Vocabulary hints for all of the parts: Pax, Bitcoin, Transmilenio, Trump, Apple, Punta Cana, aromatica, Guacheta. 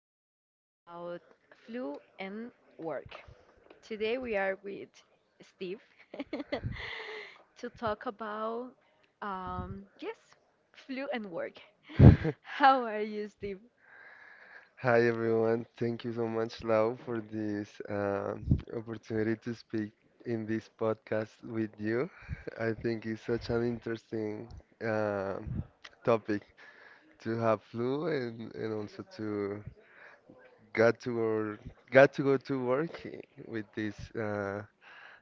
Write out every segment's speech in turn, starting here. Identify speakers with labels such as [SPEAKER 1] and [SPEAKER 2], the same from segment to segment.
[SPEAKER 1] podcast about flu and work. Today we are with Steve to talk about, yes, flu and work. How are you, Steve?
[SPEAKER 2] Hi everyone, thank you so much, Lau, for this opportunity to speak in this podcast with you. I think it's such an interesting um topic to have flu and also to got to work, got to go to work with this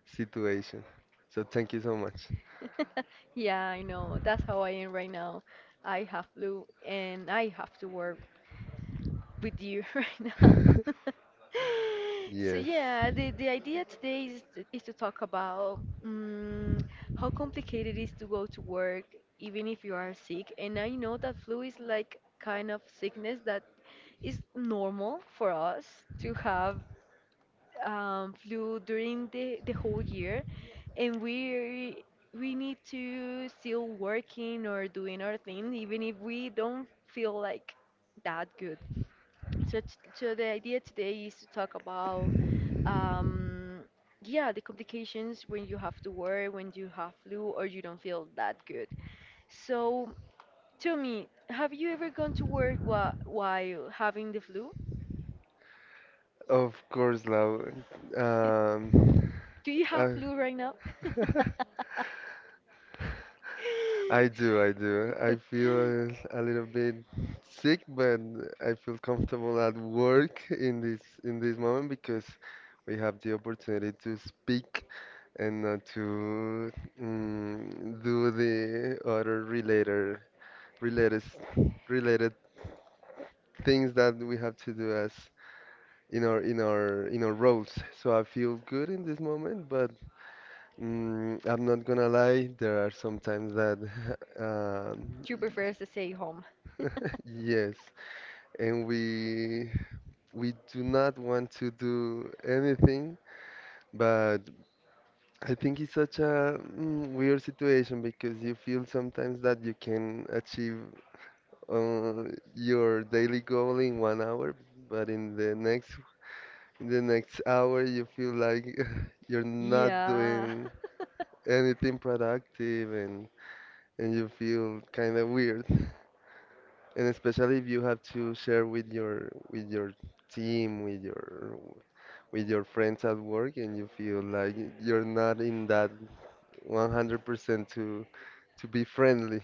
[SPEAKER 2] situation. So thank you so much.
[SPEAKER 1] Yeah, I know. That's how I am right now. I have flu and I have to work with you right now. So
[SPEAKER 2] Yes.
[SPEAKER 1] yeah, the idea today is to, talk about how complicated it is to go to work even if you are sick. And I know that flu is like kind of sickness that is normal for us to have flu during the whole year, and we need to still working or doing our thing even if we don't feel like that so, so the idea today is to talk about, um, yeah, the complications when you have to work, when you have flu, or you don't feel that good. So, tell me, have you ever gone to work while having the flu?
[SPEAKER 2] Of course, love. Um,
[SPEAKER 1] Do you have
[SPEAKER 2] I,
[SPEAKER 1] flu right now?
[SPEAKER 2] I do. I feel a little bit sick, but I feel comfortable at work in this moment because we have the opportunity to speak and not to do the other related related things that we have to do as in our roles. So I feel good in this moment. But. I'm not gonna lie, there are some times that um,
[SPEAKER 1] You prefer to stay home.
[SPEAKER 2] yes, and we do not want to do anything, but I think it's such a weird situation because you feel sometimes that you can achieve uh, your daily goal in 1 hour, but in the next hour you feel like you're not
[SPEAKER 1] Yeah.
[SPEAKER 2] doing anything productive and you feel kind of weird, and especially if you have to share with your team, with your friends at work, and you feel like you're not in that 100% to be friendly.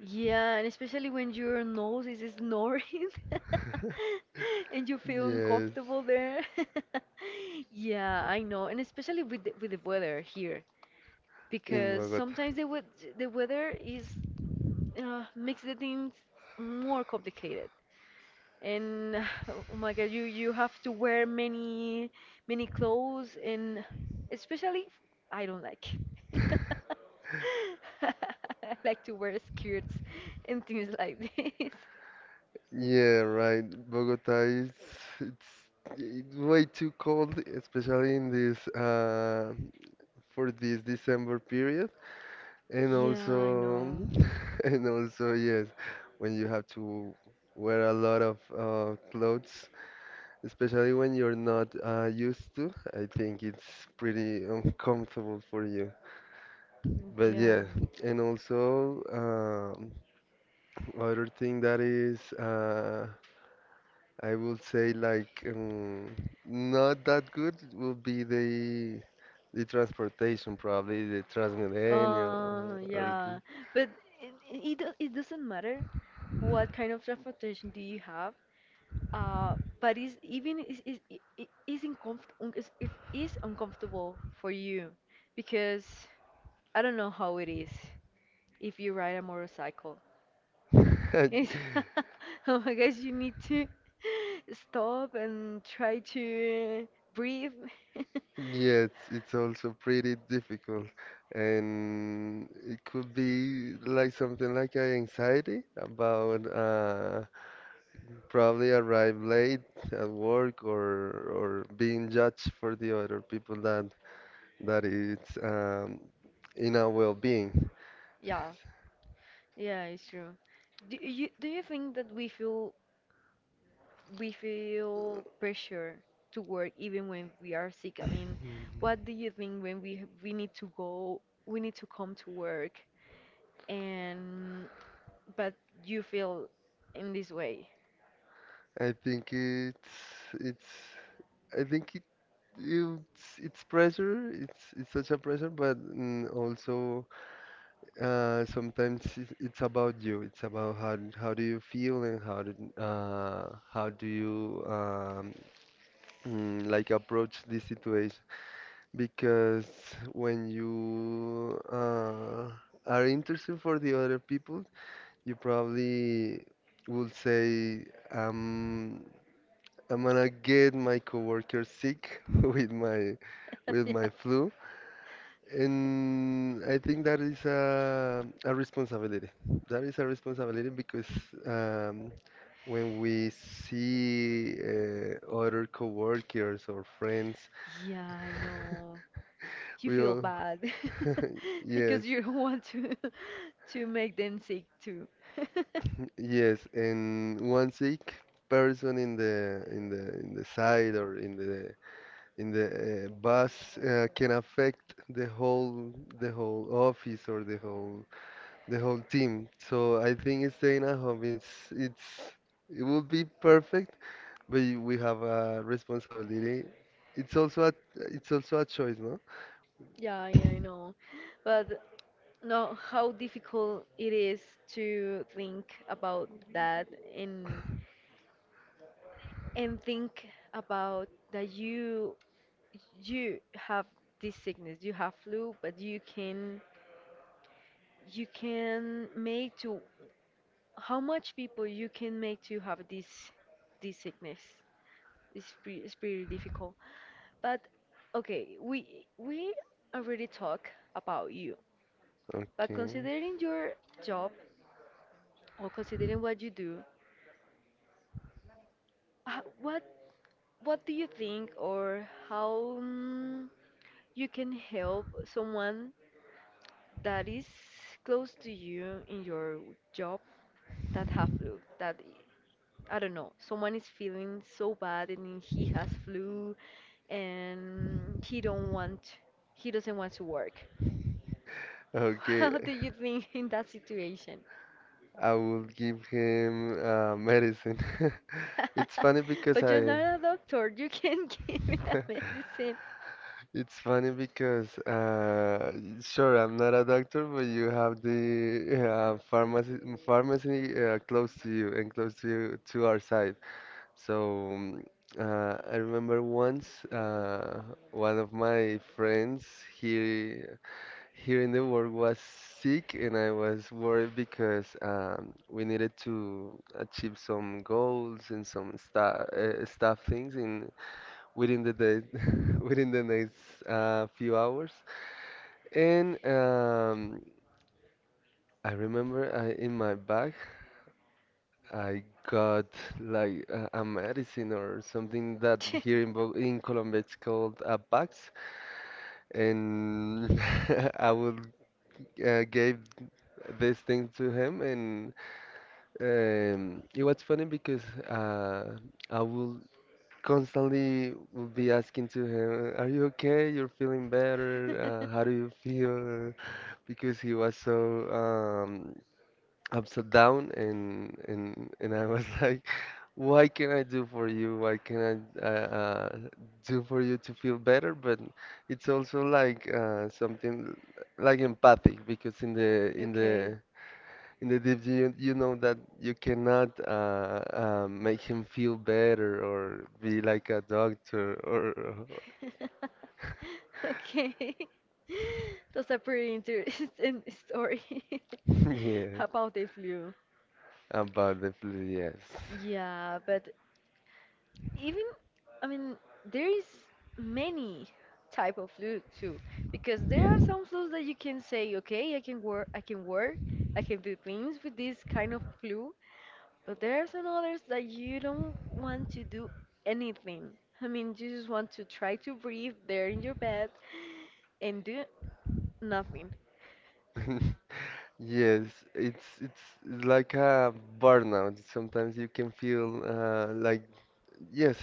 [SPEAKER 1] Yeah, and especially when your nose is snoring and you feel
[SPEAKER 2] Yes,
[SPEAKER 1] uncomfortable there. Yeah, I know, and especially with the, weather here,
[SPEAKER 2] in
[SPEAKER 1] because
[SPEAKER 2] Bogota.
[SPEAKER 1] sometimes the weather is makes the things more complicated. And oh my God, you have to wear many many clothes, and especially I don't like. I like to wear skirts and things like this.
[SPEAKER 2] Yeah, right, Bogota is, it's, it's way too cold, especially in this for this December period. And
[SPEAKER 1] Yeah, I
[SPEAKER 2] also,
[SPEAKER 1] know.
[SPEAKER 2] and also, yes, when you have to wear a lot of clothes, especially when you're not used to, I think it's pretty uncomfortable for you. But
[SPEAKER 1] Yeah.
[SPEAKER 2] yeah, and also, other thing that is, I will say like not that good will be the transportation, probably the Transmilenio or.
[SPEAKER 1] Yeah, but it doesn't matter what kind of transportation do you have. Uh, but it's even is I- is uncomf- un- is if is uncomfortable for you because I don't know how it is if you ride a motorcycle.
[SPEAKER 2] The-
[SPEAKER 1] Yes. Oh my gosh, you need to stop and try to breathe.
[SPEAKER 2] Yes, it's also pretty difficult, and it could be like something like a anxiety about probably arrive late at work, or being judged for the other people that it's in our well-being.
[SPEAKER 1] Yeah, yeah, it's true. Do you think that we feel pressure to work even when we are sick? I mean, what do you think when we need to come to work and but you feel in this way?
[SPEAKER 2] I think it's it's I think it it's pressure. It's such a pressure, but also. Sometimes it's about you. It's about how do you feel, and how do you like approach this situation. Because when you are interested for the other people, you probably will say, um, "I'm gonna get my coworker sick with my with
[SPEAKER 1] Yeah,
[SPEAKER 2] my flu." And I think that is a responsibility. That is a responsibility because um, when we see other coworkers or friends,
[SPEAKER 1] yeah, I know. You
[SPEAKER 2] we
[SPEAKER 1] feel
[SPEAKER 2] all,
[SPEAKER 1] bad
[SPEAKER 2] yes,
[SPEAKER 1] because you don't want to to make them sick too.
[SPEAKER 2] yes, and one sick person in the in the in the side or in the bus can affect the whole the whole office or the whole the whole team. So I think staying at home is it's it would be perfect, but we have a responsibility. It's also a choice, no?
[SPEAKER 1] Yeah, yeah, I know. But no, how difficult it is to think about that and think about that you have this sickness, you have flu, but you can make to how much people you can make to have this sickness. It's pretty difficult. But okay, we already talk about you. But
[SPEAKER 2] Okay.
[SPEAKER 1] considering your job or considering what you do, what do you think or how you can help someone that is close to you in your job that have flu? That I don't know, someone is feeling so bad and he has flu and he doesn't want to work.
[SPEAKER 2] Okay.
[SPEAKER 1] How do you think in that situation?
[SPEAKER 2] I will give him medicine. It's funny because
[SPEAKER 1] But you're
[SPEAKER 2] I
[SPEAKER 1] not a doctor. You can give me a medicine.
[SPEAKER 2] it's funny because sure I'm not a doctor, but you have the uh, pharmacy pharmacy close to you and close to you to our side. So I remember once, one of my friends here here in the work was sick, and I was worried because we needed to achieve some goals and some sta stuff things in within the day, within the next few hours. And I remember I, in my bag. I got like a medicine or something that here in, Bo in Colombia it's called a Pax, and I would gave this thing to him, and it was funny because, uh, I would constantly would be asking to him, "Are you okay? You're feeling better? How do you feel?" Because he was so upside down, and I was like. What can I do for you? What can I do for you to feel better? But it's also like something like empathic because in the in
[SPEAKER 1] Okay.
[SPEAKER 2] the in the deep you, you know that you cannot make him feel better or be like a doctor or
[SPEAKER 1] Okay. That's a pretty interesting story
[SPEAKER 2] yes
[SPEAKER 1] about the flu.
[SPEAKER 2] about the flu yes.
[SPEAKER 1] Yeah, but even, I mean, there is many type of flu too, because there are some flus that you can say, okay, I can work, I can do things with this kind of flu. But there are some others that you don't want to do anything. I mean, you just want to try to breathe there in your bed and do nothing.
[SPEAKER 2] Yes, it's it's it's like a burnout. Sometimes you can feel like yes,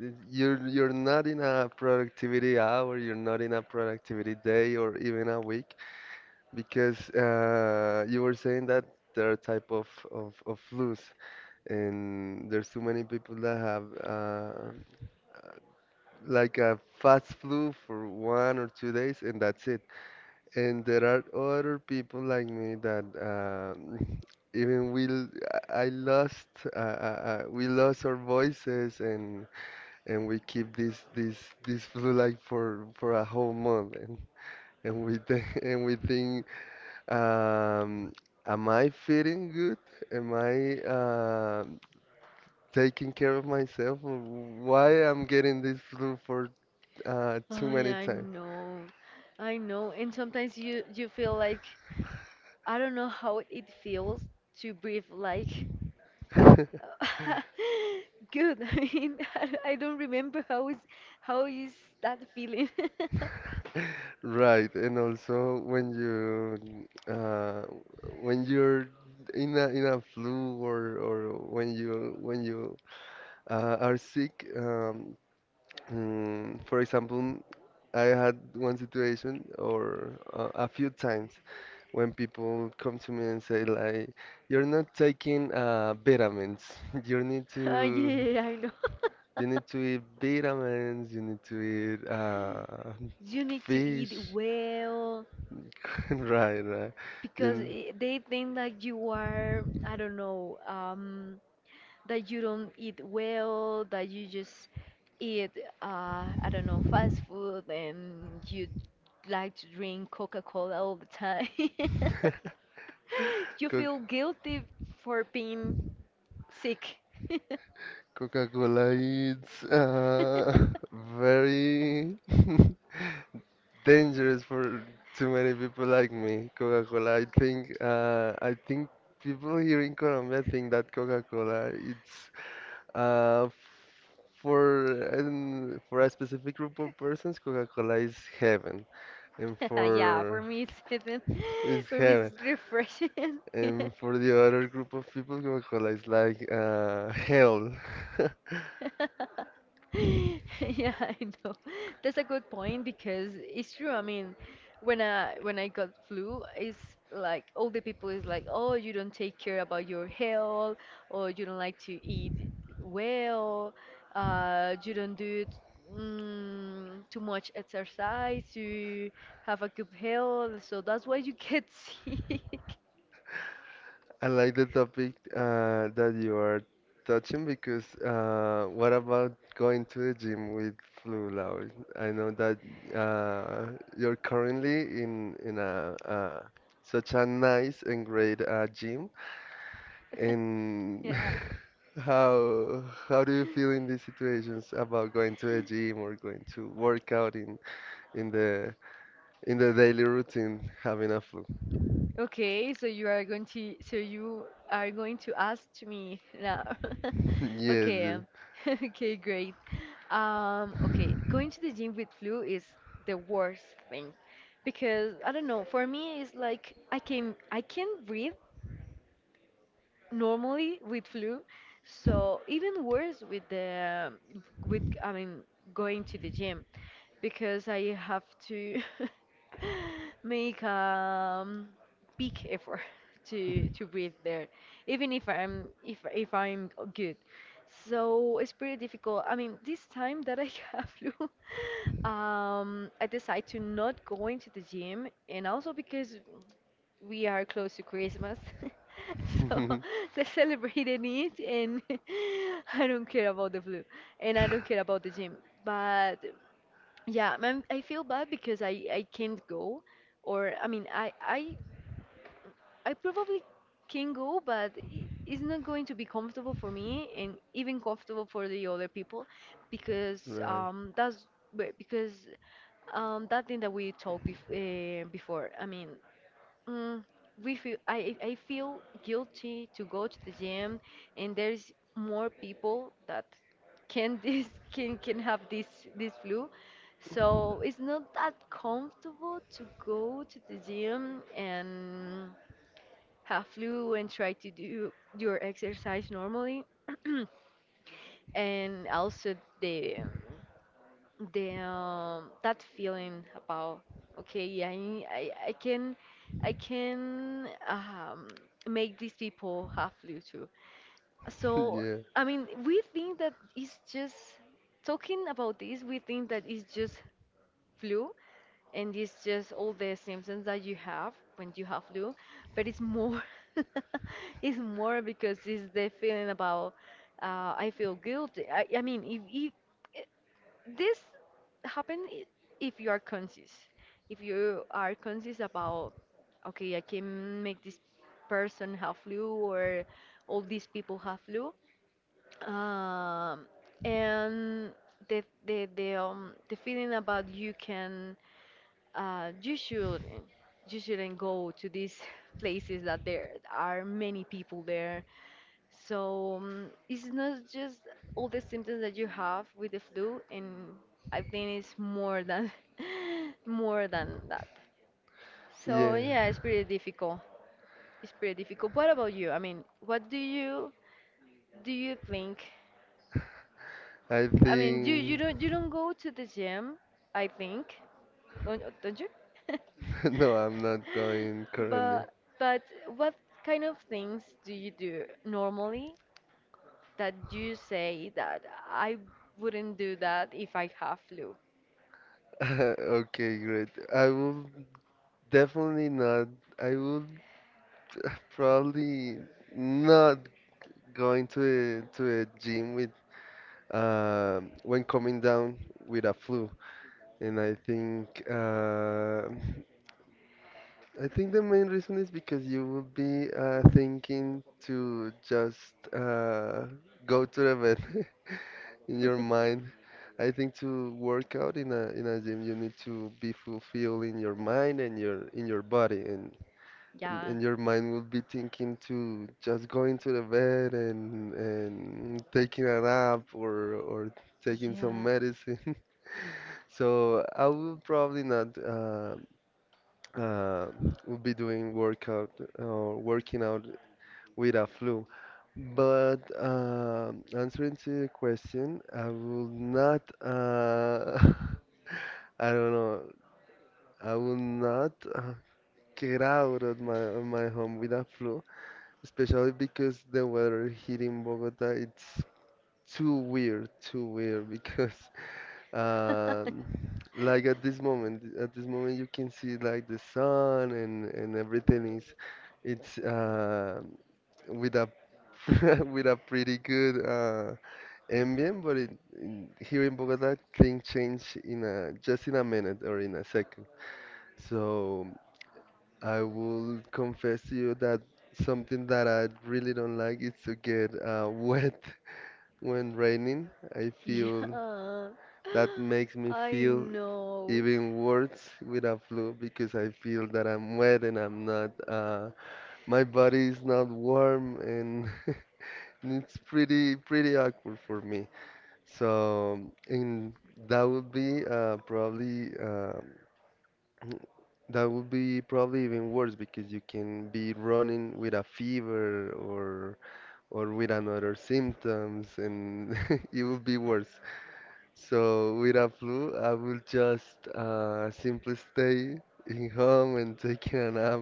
[SPEAKER 2] you're not in a productivity hour, you're not in a productivity day or even a week, because you were saying that there are type of flus, and there's too many people that have like a fast flu for 1 or 2 days and that's it. And there are other people like me that even we l- I lost uh, we lost our voices, and we keep this flu like for a whole month, and we th and we think um, am I feeling good? Am I taking care of myself? Or why I'm getting this flu for too
[SPEAKER 1] Oh
[SPEAKER 2] many
[SPEAKER 1] yeah, I
[SPEAKER 2] times?
[SPEAKER 1] know, I know. And sometimes you feel like, I don't know how it feels to breathe like... Good. I mean, I don't remember how is that feeling.
[SPEAKER 2] Right, and also when you when you're in a flu, or when you are sick, for example, I had one situation or, a few times when people come to me and say like, you're not taking vitamins, you need to
[SPEAKER 1] Yeah, I know.
[SPEAKER 2] you need to eat vitamins, you need to eat
[SPEAKER 1] You need to eat
[SPEAKER 2] fish.
[SPEAKER 1] well
[SPEAKER 2] Right, right.
[SPEAKER 1] because
[SPEAKER 2] You
[SPEAKER 1] I they think that you are, I don't know, that you don't eat well, that you just eat, I don't know, fast food and you like to drink Coca-Cola all the time. You
[SPEAKER 2] Coca
[SPEAKER 1] feel guilty for being sick.
[SPEAKER 2] Coca-Cola is uh, very dangerous for too many people like me. Coca-Cola, I think people here in Colombia think that Coca-Cola it's uh, for for a specific group of persons, Coca-Cola is heaven, and
[SPEAKER 1] Yeah, for
[SPEAKER 2] for
[SPEAKER 1] me it's
[SPEAKER 2] is
[SPEAKER 1] for me it's
[SPEAKER 2] heaven.
[SPEAKER 1] refreshing.
[SPEAKER 2] And for the other group of people, Guacamole is like hell.
[SPEAKER 1] Yeah, I know. That's a good point because it's true. I mean, when I got flu, it's like all the people is like, "Oh, you don't take care about your health, or you don't like to eat well, you don't do it, too much exercise you have a good health, so that's why you get sick."
[SPEAKER 2] I like the topic that you are touching because what about going to the gym with flu loud? I know that, you're currently in a such a nice and great gym, and
[SPEAKER 1] Yeah.
[SPEAKER 2] how do you feel in these situations about going to the gym or going to work out in the in the daily routine, having a food.
[SPEAKER 1] Okay, so you are going to ask me now. Okay.
[SPEAKER 2] Yes,
[SPEAKER 1] Okay, great. Okay, going to the gym with flu is the worst thing because I don't know, for me it's like I can breathe normally with flu, so even worse with the, with I mean, going to the gym, because I have to make a big effort to breathe there even if I'm good, so it's pretty difficult. I mean, this time that I have flu, I decide to not go into the gym, and also because we are close to Christmas. So
[SPEAKER 2] yes.
[SPEAKER 1] let's celebrate in it and I don't care about the flu and I don't care about the gym. But yeah, man, I feel bad because I can't go, or I mean I probably can go but it's not going to be comfortable for me and even comfortable for the other people, because
[SPEAKER 2] Right.
[SPEAKER 1] that's because that thing that we talked before. I mean, Mm, we feel I feel guilty to go to the gym, and there's more people that can this can have this flu, so it's not that comfortable to go to the gym and have flu and try to do your exercise normally, and also the that feeling about, okay, I can make these people have flu too. So
[SPEAKER 2] Yeah.
[SPEAKER 1] I mean, we think that it's just, talking about this, we think that it's just flu and it's just all the symptoms that you have when you have flu, but it's more it's more because it's the feeling about, I feel guilty. I mean, if this happen, if you are conscious, about, okay, I can make this person have flu or all these people have flu, um, and the feeling about you can uh you should you shouldn't go to these places that there are many people there. So it's not just all the symptoms that you have with the flu, and I think it's more than more than that. So
[SPEAKER 2] Yeah.
[SPEAKER 1] yeah, it's pretty difficult. It's pretty difficult. What about you? I mean, what do you think?
[SPEAKER 2] I
[SPEAKER 1] I mean, you you
[SPEAKER 2] think.
[SPEAKER 1] don't you don't go to the gym, I think. Don't you?
[SPEAKER 2] No, I'm not going currently.
[SPEAKER 1] But but what kind of things do you do normally that you say that I wouldn't do that if I have flu.
[SPEAKER 2] Okay, great. I will definitely not. I will probably not going to a gym with when coming down with a flu. And I think the main reason is because you will be thinking to just go to the bed in your mind. I think to work out in a gym, you need to be fulfilled in your mind and your in your body, and
[SPEAKER 1] Yeah,
[SPEAKER 2] your mind will be thinking to just going to the bed and taking a nap or taking some
[SPEAKER 1] yeah,
[SPEAKER 2] medicine. So I will probably not. Uh, will be doing workout or working out with a flu. But answering to the question, I will not. I don't know. I will not get out of my home with a flu, especially because the weather here in Bogota it's too weird because Um, like at this moment you can see like the sun and everything is it's with a with a pretty good ambient, but it, in, here in Bogota things change in a just in a minute or in a second. So I will confess to you that something that I really don't like is to get wet when raining. I feel
[SPEAKER 1] yeah.
[SPEAKER 2] that makes me
[SPEAKER 1] I
[SPEAKER 2] feel
[SPEAKER 1] know.
[SPEAKER 2] even worse with a flu because I feel that I'm wet and I'm not, my body is not warm, and and it's pretty, pretty awkward for me. So, and that would be that would be probably even worse because you can be running with a fever, or with another symptoms, and it would be worse. So with a flu, I will just simply stay in home and taking a nap.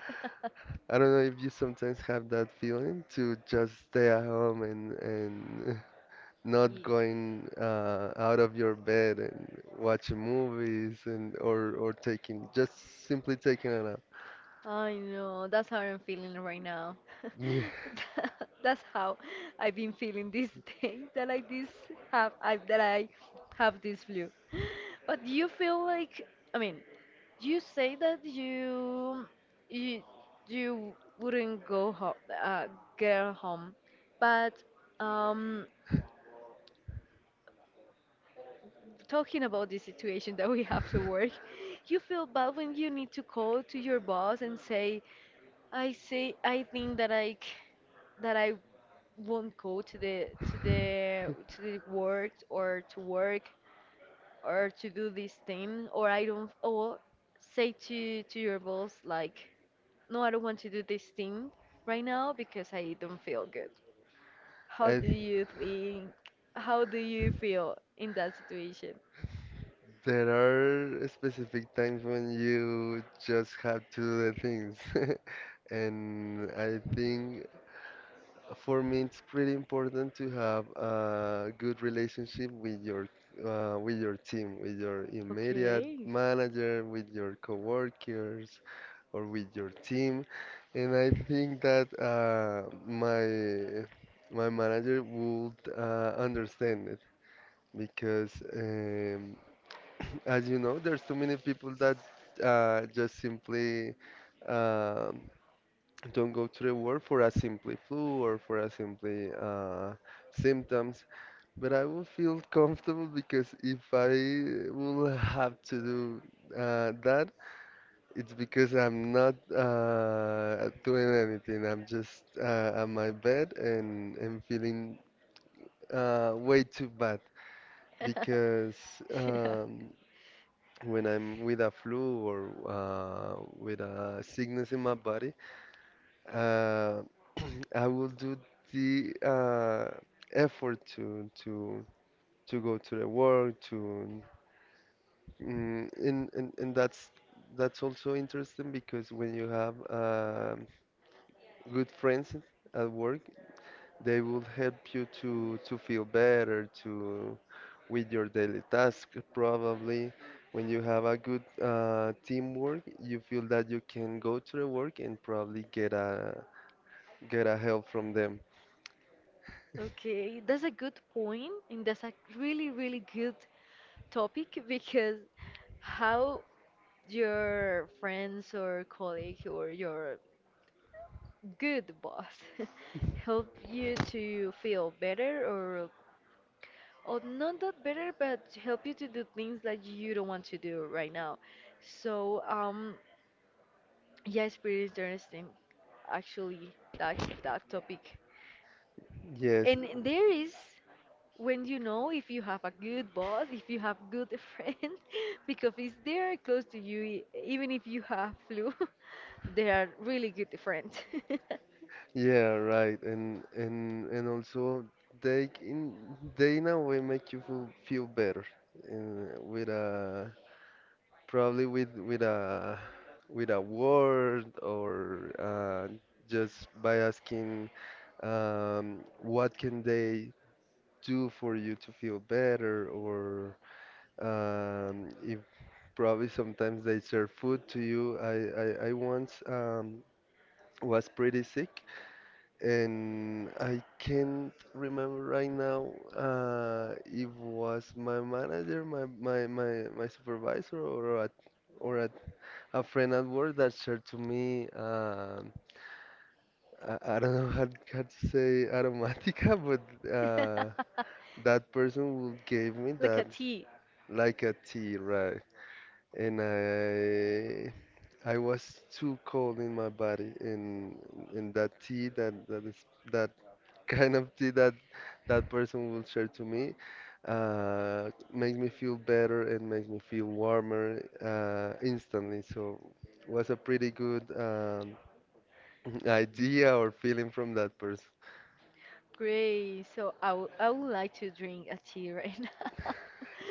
[SPEAKER 2] I don't know if you sometimes have that feeling to just stay at home and not
[SPEAKER 1] Yeah.
[SPEAKER 2] going out of your bed and watching movies, and or taking just simply taking a nap.
[SPEAKER 1] I know, that's how I'm feeling right now.
[SPEAKER 2] Yeah.
[SPEAKER 1] That's how I've been feeling this day that I this have I that I have this flu. But do you feel like, I mean, you say that you you wouldn't go home, uh, get home, but um, talking about the situation that we have to work, you feel bad when you need to call to your boss and say, I think that I won't go to the work or to do this thing or I don't, or say to your boss like, no, I don't want to do this thing right now because I don't feel good. How do
[SPEAKER 2] I,
[SPEAKER 1] you think? How do you feel in that situation?
[SPEAKER 2] there are specific times when you just have to do the things. And I think, for me, it's pretty important to have a good relationship with your team, with your immediate
[SPEAKER 1] Okay.
[SPEAKER 2] manager, with your coworkers, or with your team. And I think that my manager would understand it because, as you know, there's too many people that just simply um don't go to the world for a simply flu or for a simply symptoms, but I will feel comfortable because if I will have to do that, it's because I'm not doing anything. I'm just on my bed and feeling way too bad because
[SPEAKER 1] Yeah.
[SPEAKER 2] um, when I'm with a flu or with a sickness in my body. Uh, I will do the effort to go to the work to and that's also interesting because when you have good friends at work, they will help you to feel better to with your daily task probably. When you have a good teamwork, you feel that you can go to the work and probably get a help from them.
[SPEAKER 1] Okay, that's a good point, and that's a really, really good topic because how your friends or colleague or your good boss help you to feel better, or not that better but help you to do things that you don't want to do right now. So yeah, it's pretty interesting actually that topic.
[SPEAKER 2] Yes.
[SPEAKER 1] And there is, when you know if you have a good boss, if you have good friend, because if they are close to you, even if you have flu, they are really good friends.
[SPEAKER 2] Yeah, right. And also they in they in a way make you feel better, with a probably with a with a word or just by asking what can they do for you to feel better or if probably sometimes they serve food to you. I once was pretty sick. And I can't remember right now if was my manager, my supervisor, or a friend at work that shared to me. I don't know how to say aromatica, but that person will gave me
[SPEAKER 1] Like a
[SPEAKER 2] that
[SPEAKER 1] tea.
[SPEAKER 2] like a tea, right? And I was too cold in my body, and that tea that kind of tea that that person will share to me makes me feel better and makes me feel warmer instantly. So was a pretty good idea or feeling from that person.
[SPEAKER 1] Great. So I would like to drink a tea right now.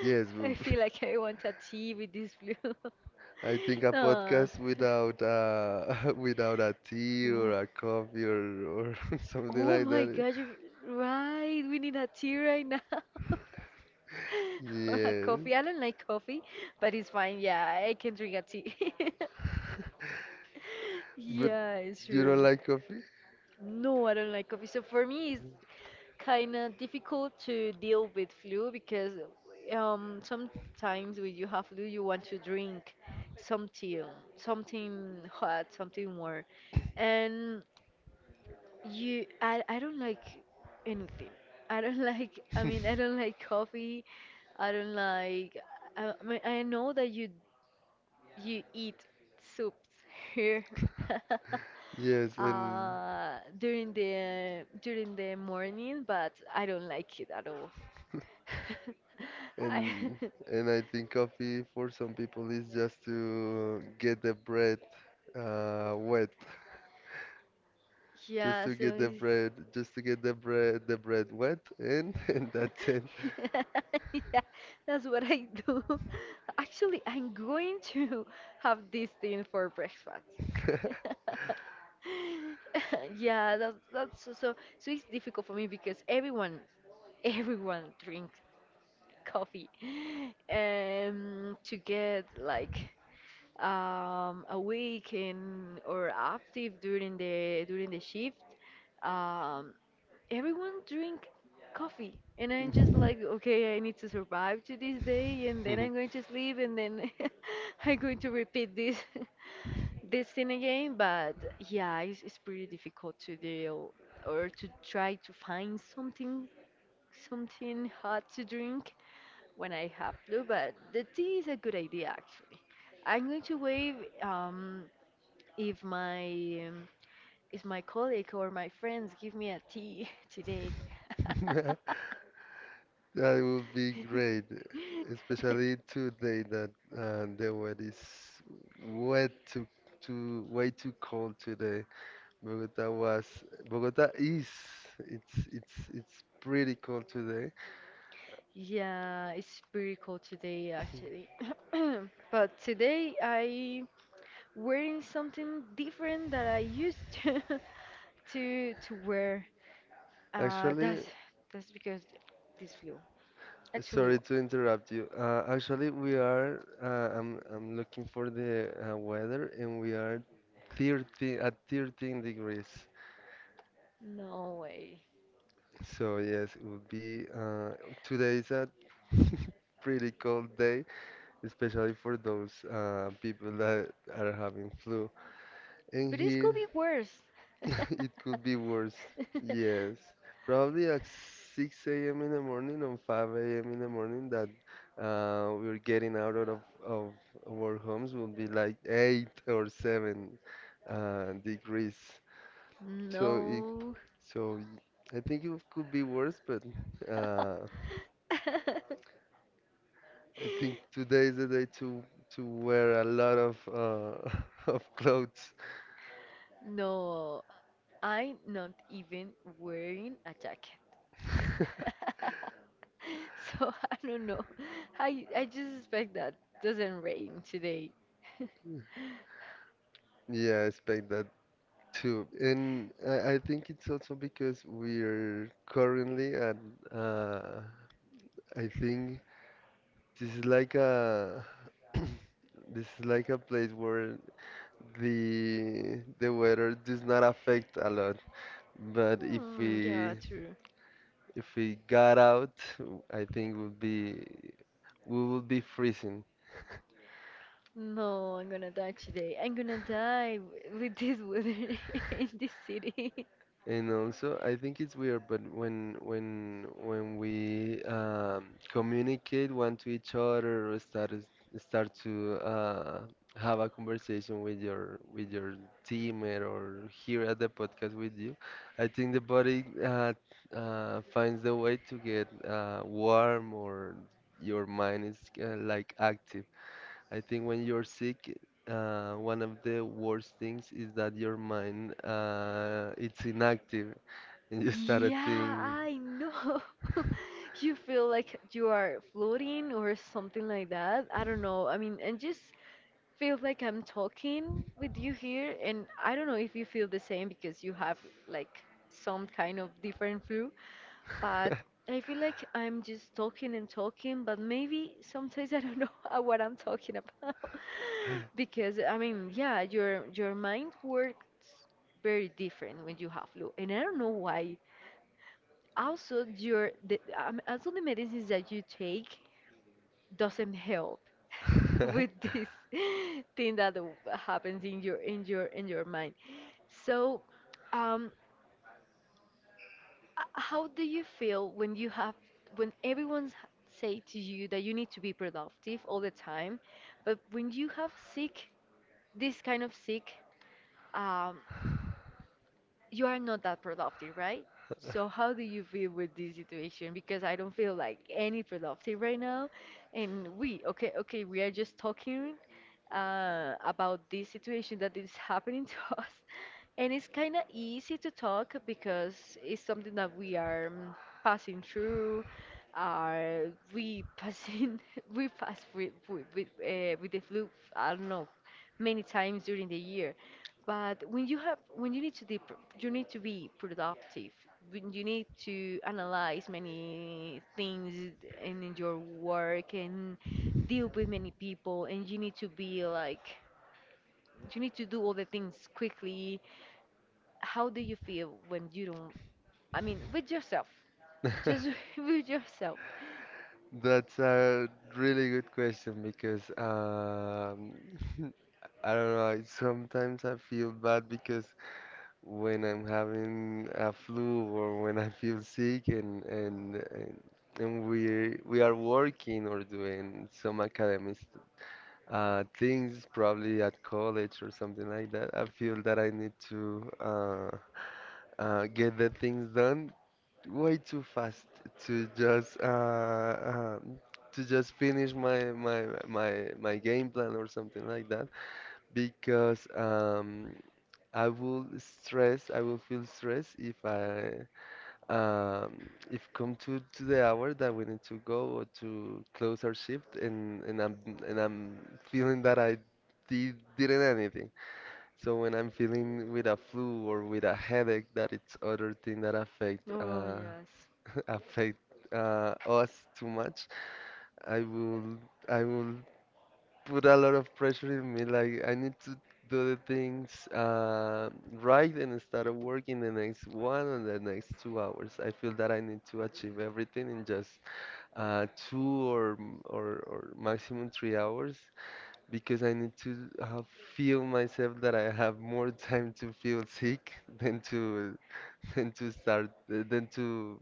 [SPEAKER 2] Yes,
[SPEAKER 1] I feel like I want a tea with this flu.
[SPEAKER 2] I think a
[SPEAKER 1] Ah.
[SPEAKER 2] podcast without without a tea
[SPEAKER 1] N-
[SPEAKER 2] or a coffee or something
[SPEAKER 1] Oh
[SPEAKER 2] like
[SPEAKER 1] my
[SPEAKER 2] that.
[SPEAKER 1] gosh, you're right. We need a tea right now. Or a
[SPEAKER 2] Yes,
[SPEAKER 1] coffee. I don't like coffee, but it's fine. Yeah, I can drink a tea.
[SPEAKER 2] but
[SPEAKER 1] Yeah, it's
[SPEAKER 2] you don't
[SPEAKER 1] true.
[SPEAKER 2] like coffee?
[SPEAKER 1] No, I don't like coffee. So for me, it's kind of difficult to deal with flu because sometimes when you have flu, you want to drink something, something hot, something warm, and I don't like anything. I don't like. I don't like coffee. I don't like. I mean, I know that you eat soups here.
[SPEAKER 2] Yes, and.
[SPEAKER 1] During the morning, but I don't like it at all. I
[SPEAKER 2] And and I think coffee for some people is just to get the bread wet, just
[SPEAKER 1] yeah,
[SPEAKER 2] to
[SPEAKER 1] so
[SPEAKER 2] get the
[SPEAKER 1] it's-
[SPEAKER 2] bread, just to get the bread wet, and and that's it.
[SPEAKER 1] yeah, that's what I do. Actually, I'm going to have this thing for breakfast. Yeah, that's so it's difficult for me because everyone everyone drinks coffee. To get like awake and or active during the shift. Um, Everyone drink coffee and I'm just like, okay, I need to survive to this day and then I'm going to sleep and then I'm going to repeat this this thing again. But yeah, it's pretty difficult to deal or to try to find something, something hot to drink when I have flu. But the tea is a good idea. Actually, I'm going to wave um if my is my colleague or my friends give me a tea today?
[SPEAKER 2] That would be great, especially today that the weather is way too way too cold today. Bogota was Bogota is it's pretty cold today.
[SPEAKER 1] Yeah, it's pretty cold today actually. But today I wearing something different that I used to to wear. Uh,
[SPEAKER 2] Actually,
[SPEAKER 1] that's that's because this flu. Actually,
[SPEAKER 2] sorry
[SPEAKER 1] what?
[SPEAKER 2] to interrupt you. Actually, we are I'm looking for the weather and we are 13 degrees.
[SPEAKER 1] No way.
[SPEAKER 2] So yes, it would be today is a pretty cold day, especially for those people that are having flu. And
[SPEAKER 1] But this could
[SPEAKER 2] here
[SPEAKER 1] be worse.
[SPEAKER 2] it could be worse. Yes. Probably at 6 a.m. in the morning or 5 a.m. in the morning that we're getting out of our homes will be like 8 or 7 degrees. So it,
[SPEAKER 1] No.
[SPEAKER 2] so I think it could be worse, but uh, I think today is the day to wear a lot of of clothes.
[SPEAKER 1] No, I'm not even wearing a jacket. So I don't know. I just expect that doesn't rain today.
[SPEAKER 2] Yeah, I expect that too. And I think it's also because we're currently at, uh, I think this is like a, this is like a place where the weather does not affect a lot. But
[SPEAKER 1] Hmm, yeah, true.
[SPEAKER 2] if we got out, I think would be we would be freezing.
[SPEAKER 1] No, I'm gonna die today. I'm gonna die w- with this weather in this city.
[SPEAKER 2] And also, I think it's weird, but when we communicate one to each other or start to have a conversation with your teammate or here at the podcast with you, I think the body finds the way to get warm or your mind is like active. I think when you're sick, one of the worst things is that your mind it's inactive and you started
[SPEAKER 1] Yeah,
[SPEAKER 2] thinking.
[SPEAKER 1] I know. You feel like you are floating or something like that. I don't know. I mean, and just feels like I'm talking with you here, and I don't know if you feel the same because you have like some kind of different flu, but I feel like I'm just talking and talking, but maybe sometimes I don't know what I'm talking about because I mean, yeah, your mind works very different when you have flu, and I don't know why. Also, your the also the medicines that you take doesn't help with this thing that w- happens in your mind. So, um, h- how do you feel when you have when everyone's h- say to you that you need to be productive all the time, but when you have sick this kind of sick, um, you are not that productive, right? So how do you feel with this situation? Because I don't feel like any productive right now, and we okay okay we are just talking, about this situation that is happening to us. And it's kind of easy to talk because it's something that we are mm, passing through. Are we passing? We pass with with the flu. I don't know, many times during the year. But when you have, when you need to, de- you need to be productive. When you need to analyze many things in your work and deal with many people, and you need to be like, you need to do all the things quickly. How do you feel when you don't? I mean, with yourself, just with yourself.
[SPEAKER 2] That's a really good question because I don't know. Sometimes I feel bad because when I'm having a flu or when I feel sick and we are working or doing some academic things probably at college or something like that. I feel that I need to get the things done way too fast to just uh, uh, to just finish my game plan or something like that because I will feel stress if I if come to the hour that we need to go or to close our shift and I'm feeling that didn't anything. So when I'm feeling with a flu or with a headache, that it's other thing that affect
[SPEAKER 1] Oh, yes.
[SPEAKER 2] affect us too much, I will I will put a lot of pressure in me. Like I need to do the things right and start working the next one and the next two hours. I feel that I need to achieve everything in just two or, or maximum three hours because I need to feel myself that I have more time to feel sick than to than to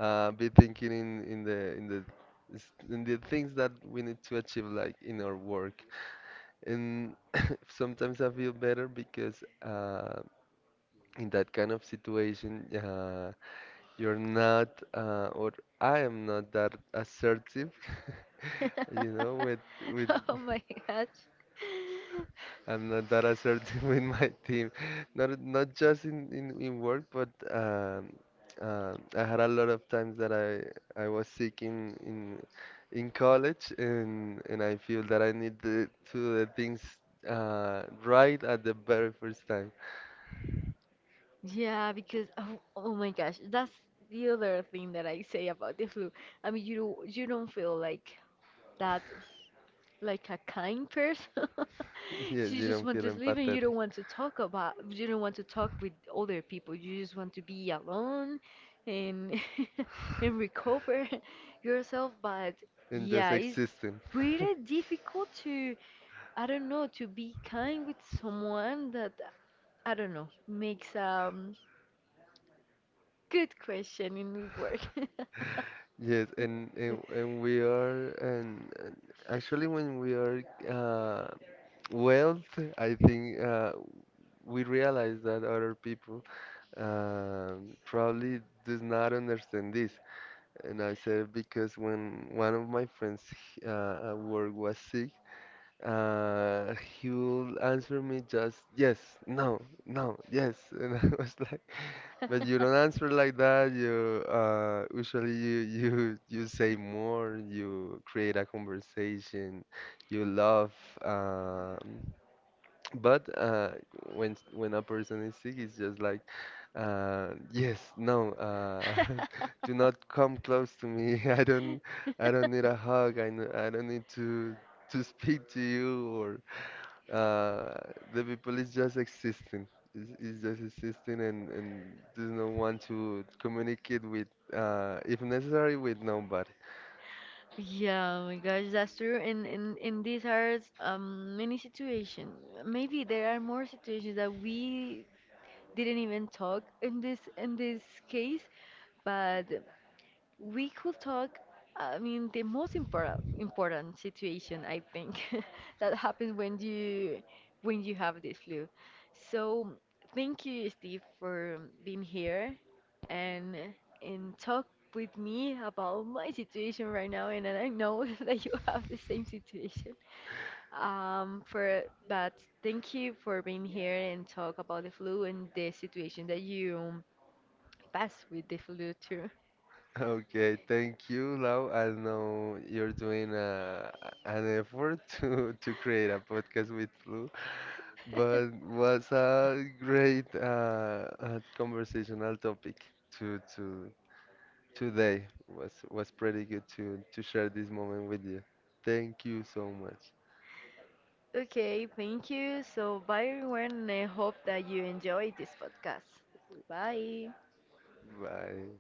[SPEAKER 2] be thinking in, in the in the things that we need to achieve like in our work and sometimes I feel better because in that kind of situation you're not or I am not that assertive you know with
[SPEAKER 1] Oh my gosh.
[SPEAKER 2] I'm not that assertive with my team, not just in work, but I had a lot of times that I was sick in college, and I feel that I need to do the things right at the very first time.
[SPEAKER 1] Yeah, because oh, oh my gosh, that's the other thing that I say about the flu. I mean, you don't feel like that like a kind person.
[SPEAKER 2] Yes,
[SPEAKER 1] She
[SPEAKER 2] you
[SPEAKER 1] just
[SPEAKER 2] don't
[SPEAKER 1] want
[SPEAKER 2] feel
[SPEAKER 1] to sleep and you
[SPEAKER 2] empathetic
[SPEAKER 1] don't want to talk about you don't want to talk with other people. You just want to be alone and and recover yourself. But
[SPEAKER 2] and just
[SPEAKER 1] yeah, it's
[SPEAKER 2] existing.
[SPEAKER 1] pretty difficult to I don't know to be kind with someone that I don't know makes good question in work.
[SPEAKER 2] Yes, and actually when we are uh, Well, I think we realize that other people probably does not understand this. And I said because when one of my friends at work was sick, uh, he will answer me just yes, no, no, yes, and I was like, but you don't answer like that. You usually you say more. You create a conversation. You love. Um, but when when a person is sick, it's just like, yes, no, do not come close to me. I don't need a hug. I don't need to speak to you or uh, the people is just existing. Is just existing and does not want to communicate with if necessary with nobody.
[SPEAKER 1] Yeah, oh my gosh, that's true. And these are many situations. Maybe there are more situations that we didn't even talk in this case, but we could talk. I mean, the most important situation I think that happens when you have this flu. So thank you, Steve, for being here and and talk with me about my situation right now. And I know that you have the same situation. For but thank you for being here and talk about the flu and the situation that you passed with the flu too.
[SPEAKER 2] Okay, thank you, Lau. I know you're doing a, an effort to create a podcast with Lou, but was a great conversational topic to today. Was pretty good to share this moment with you. Thank you so much.
[SPEAKER 1] Okay, thank you. So bye everyone, and I hope that you enjoyed this podcast. Bye.
[SPEAKER 2] Bye.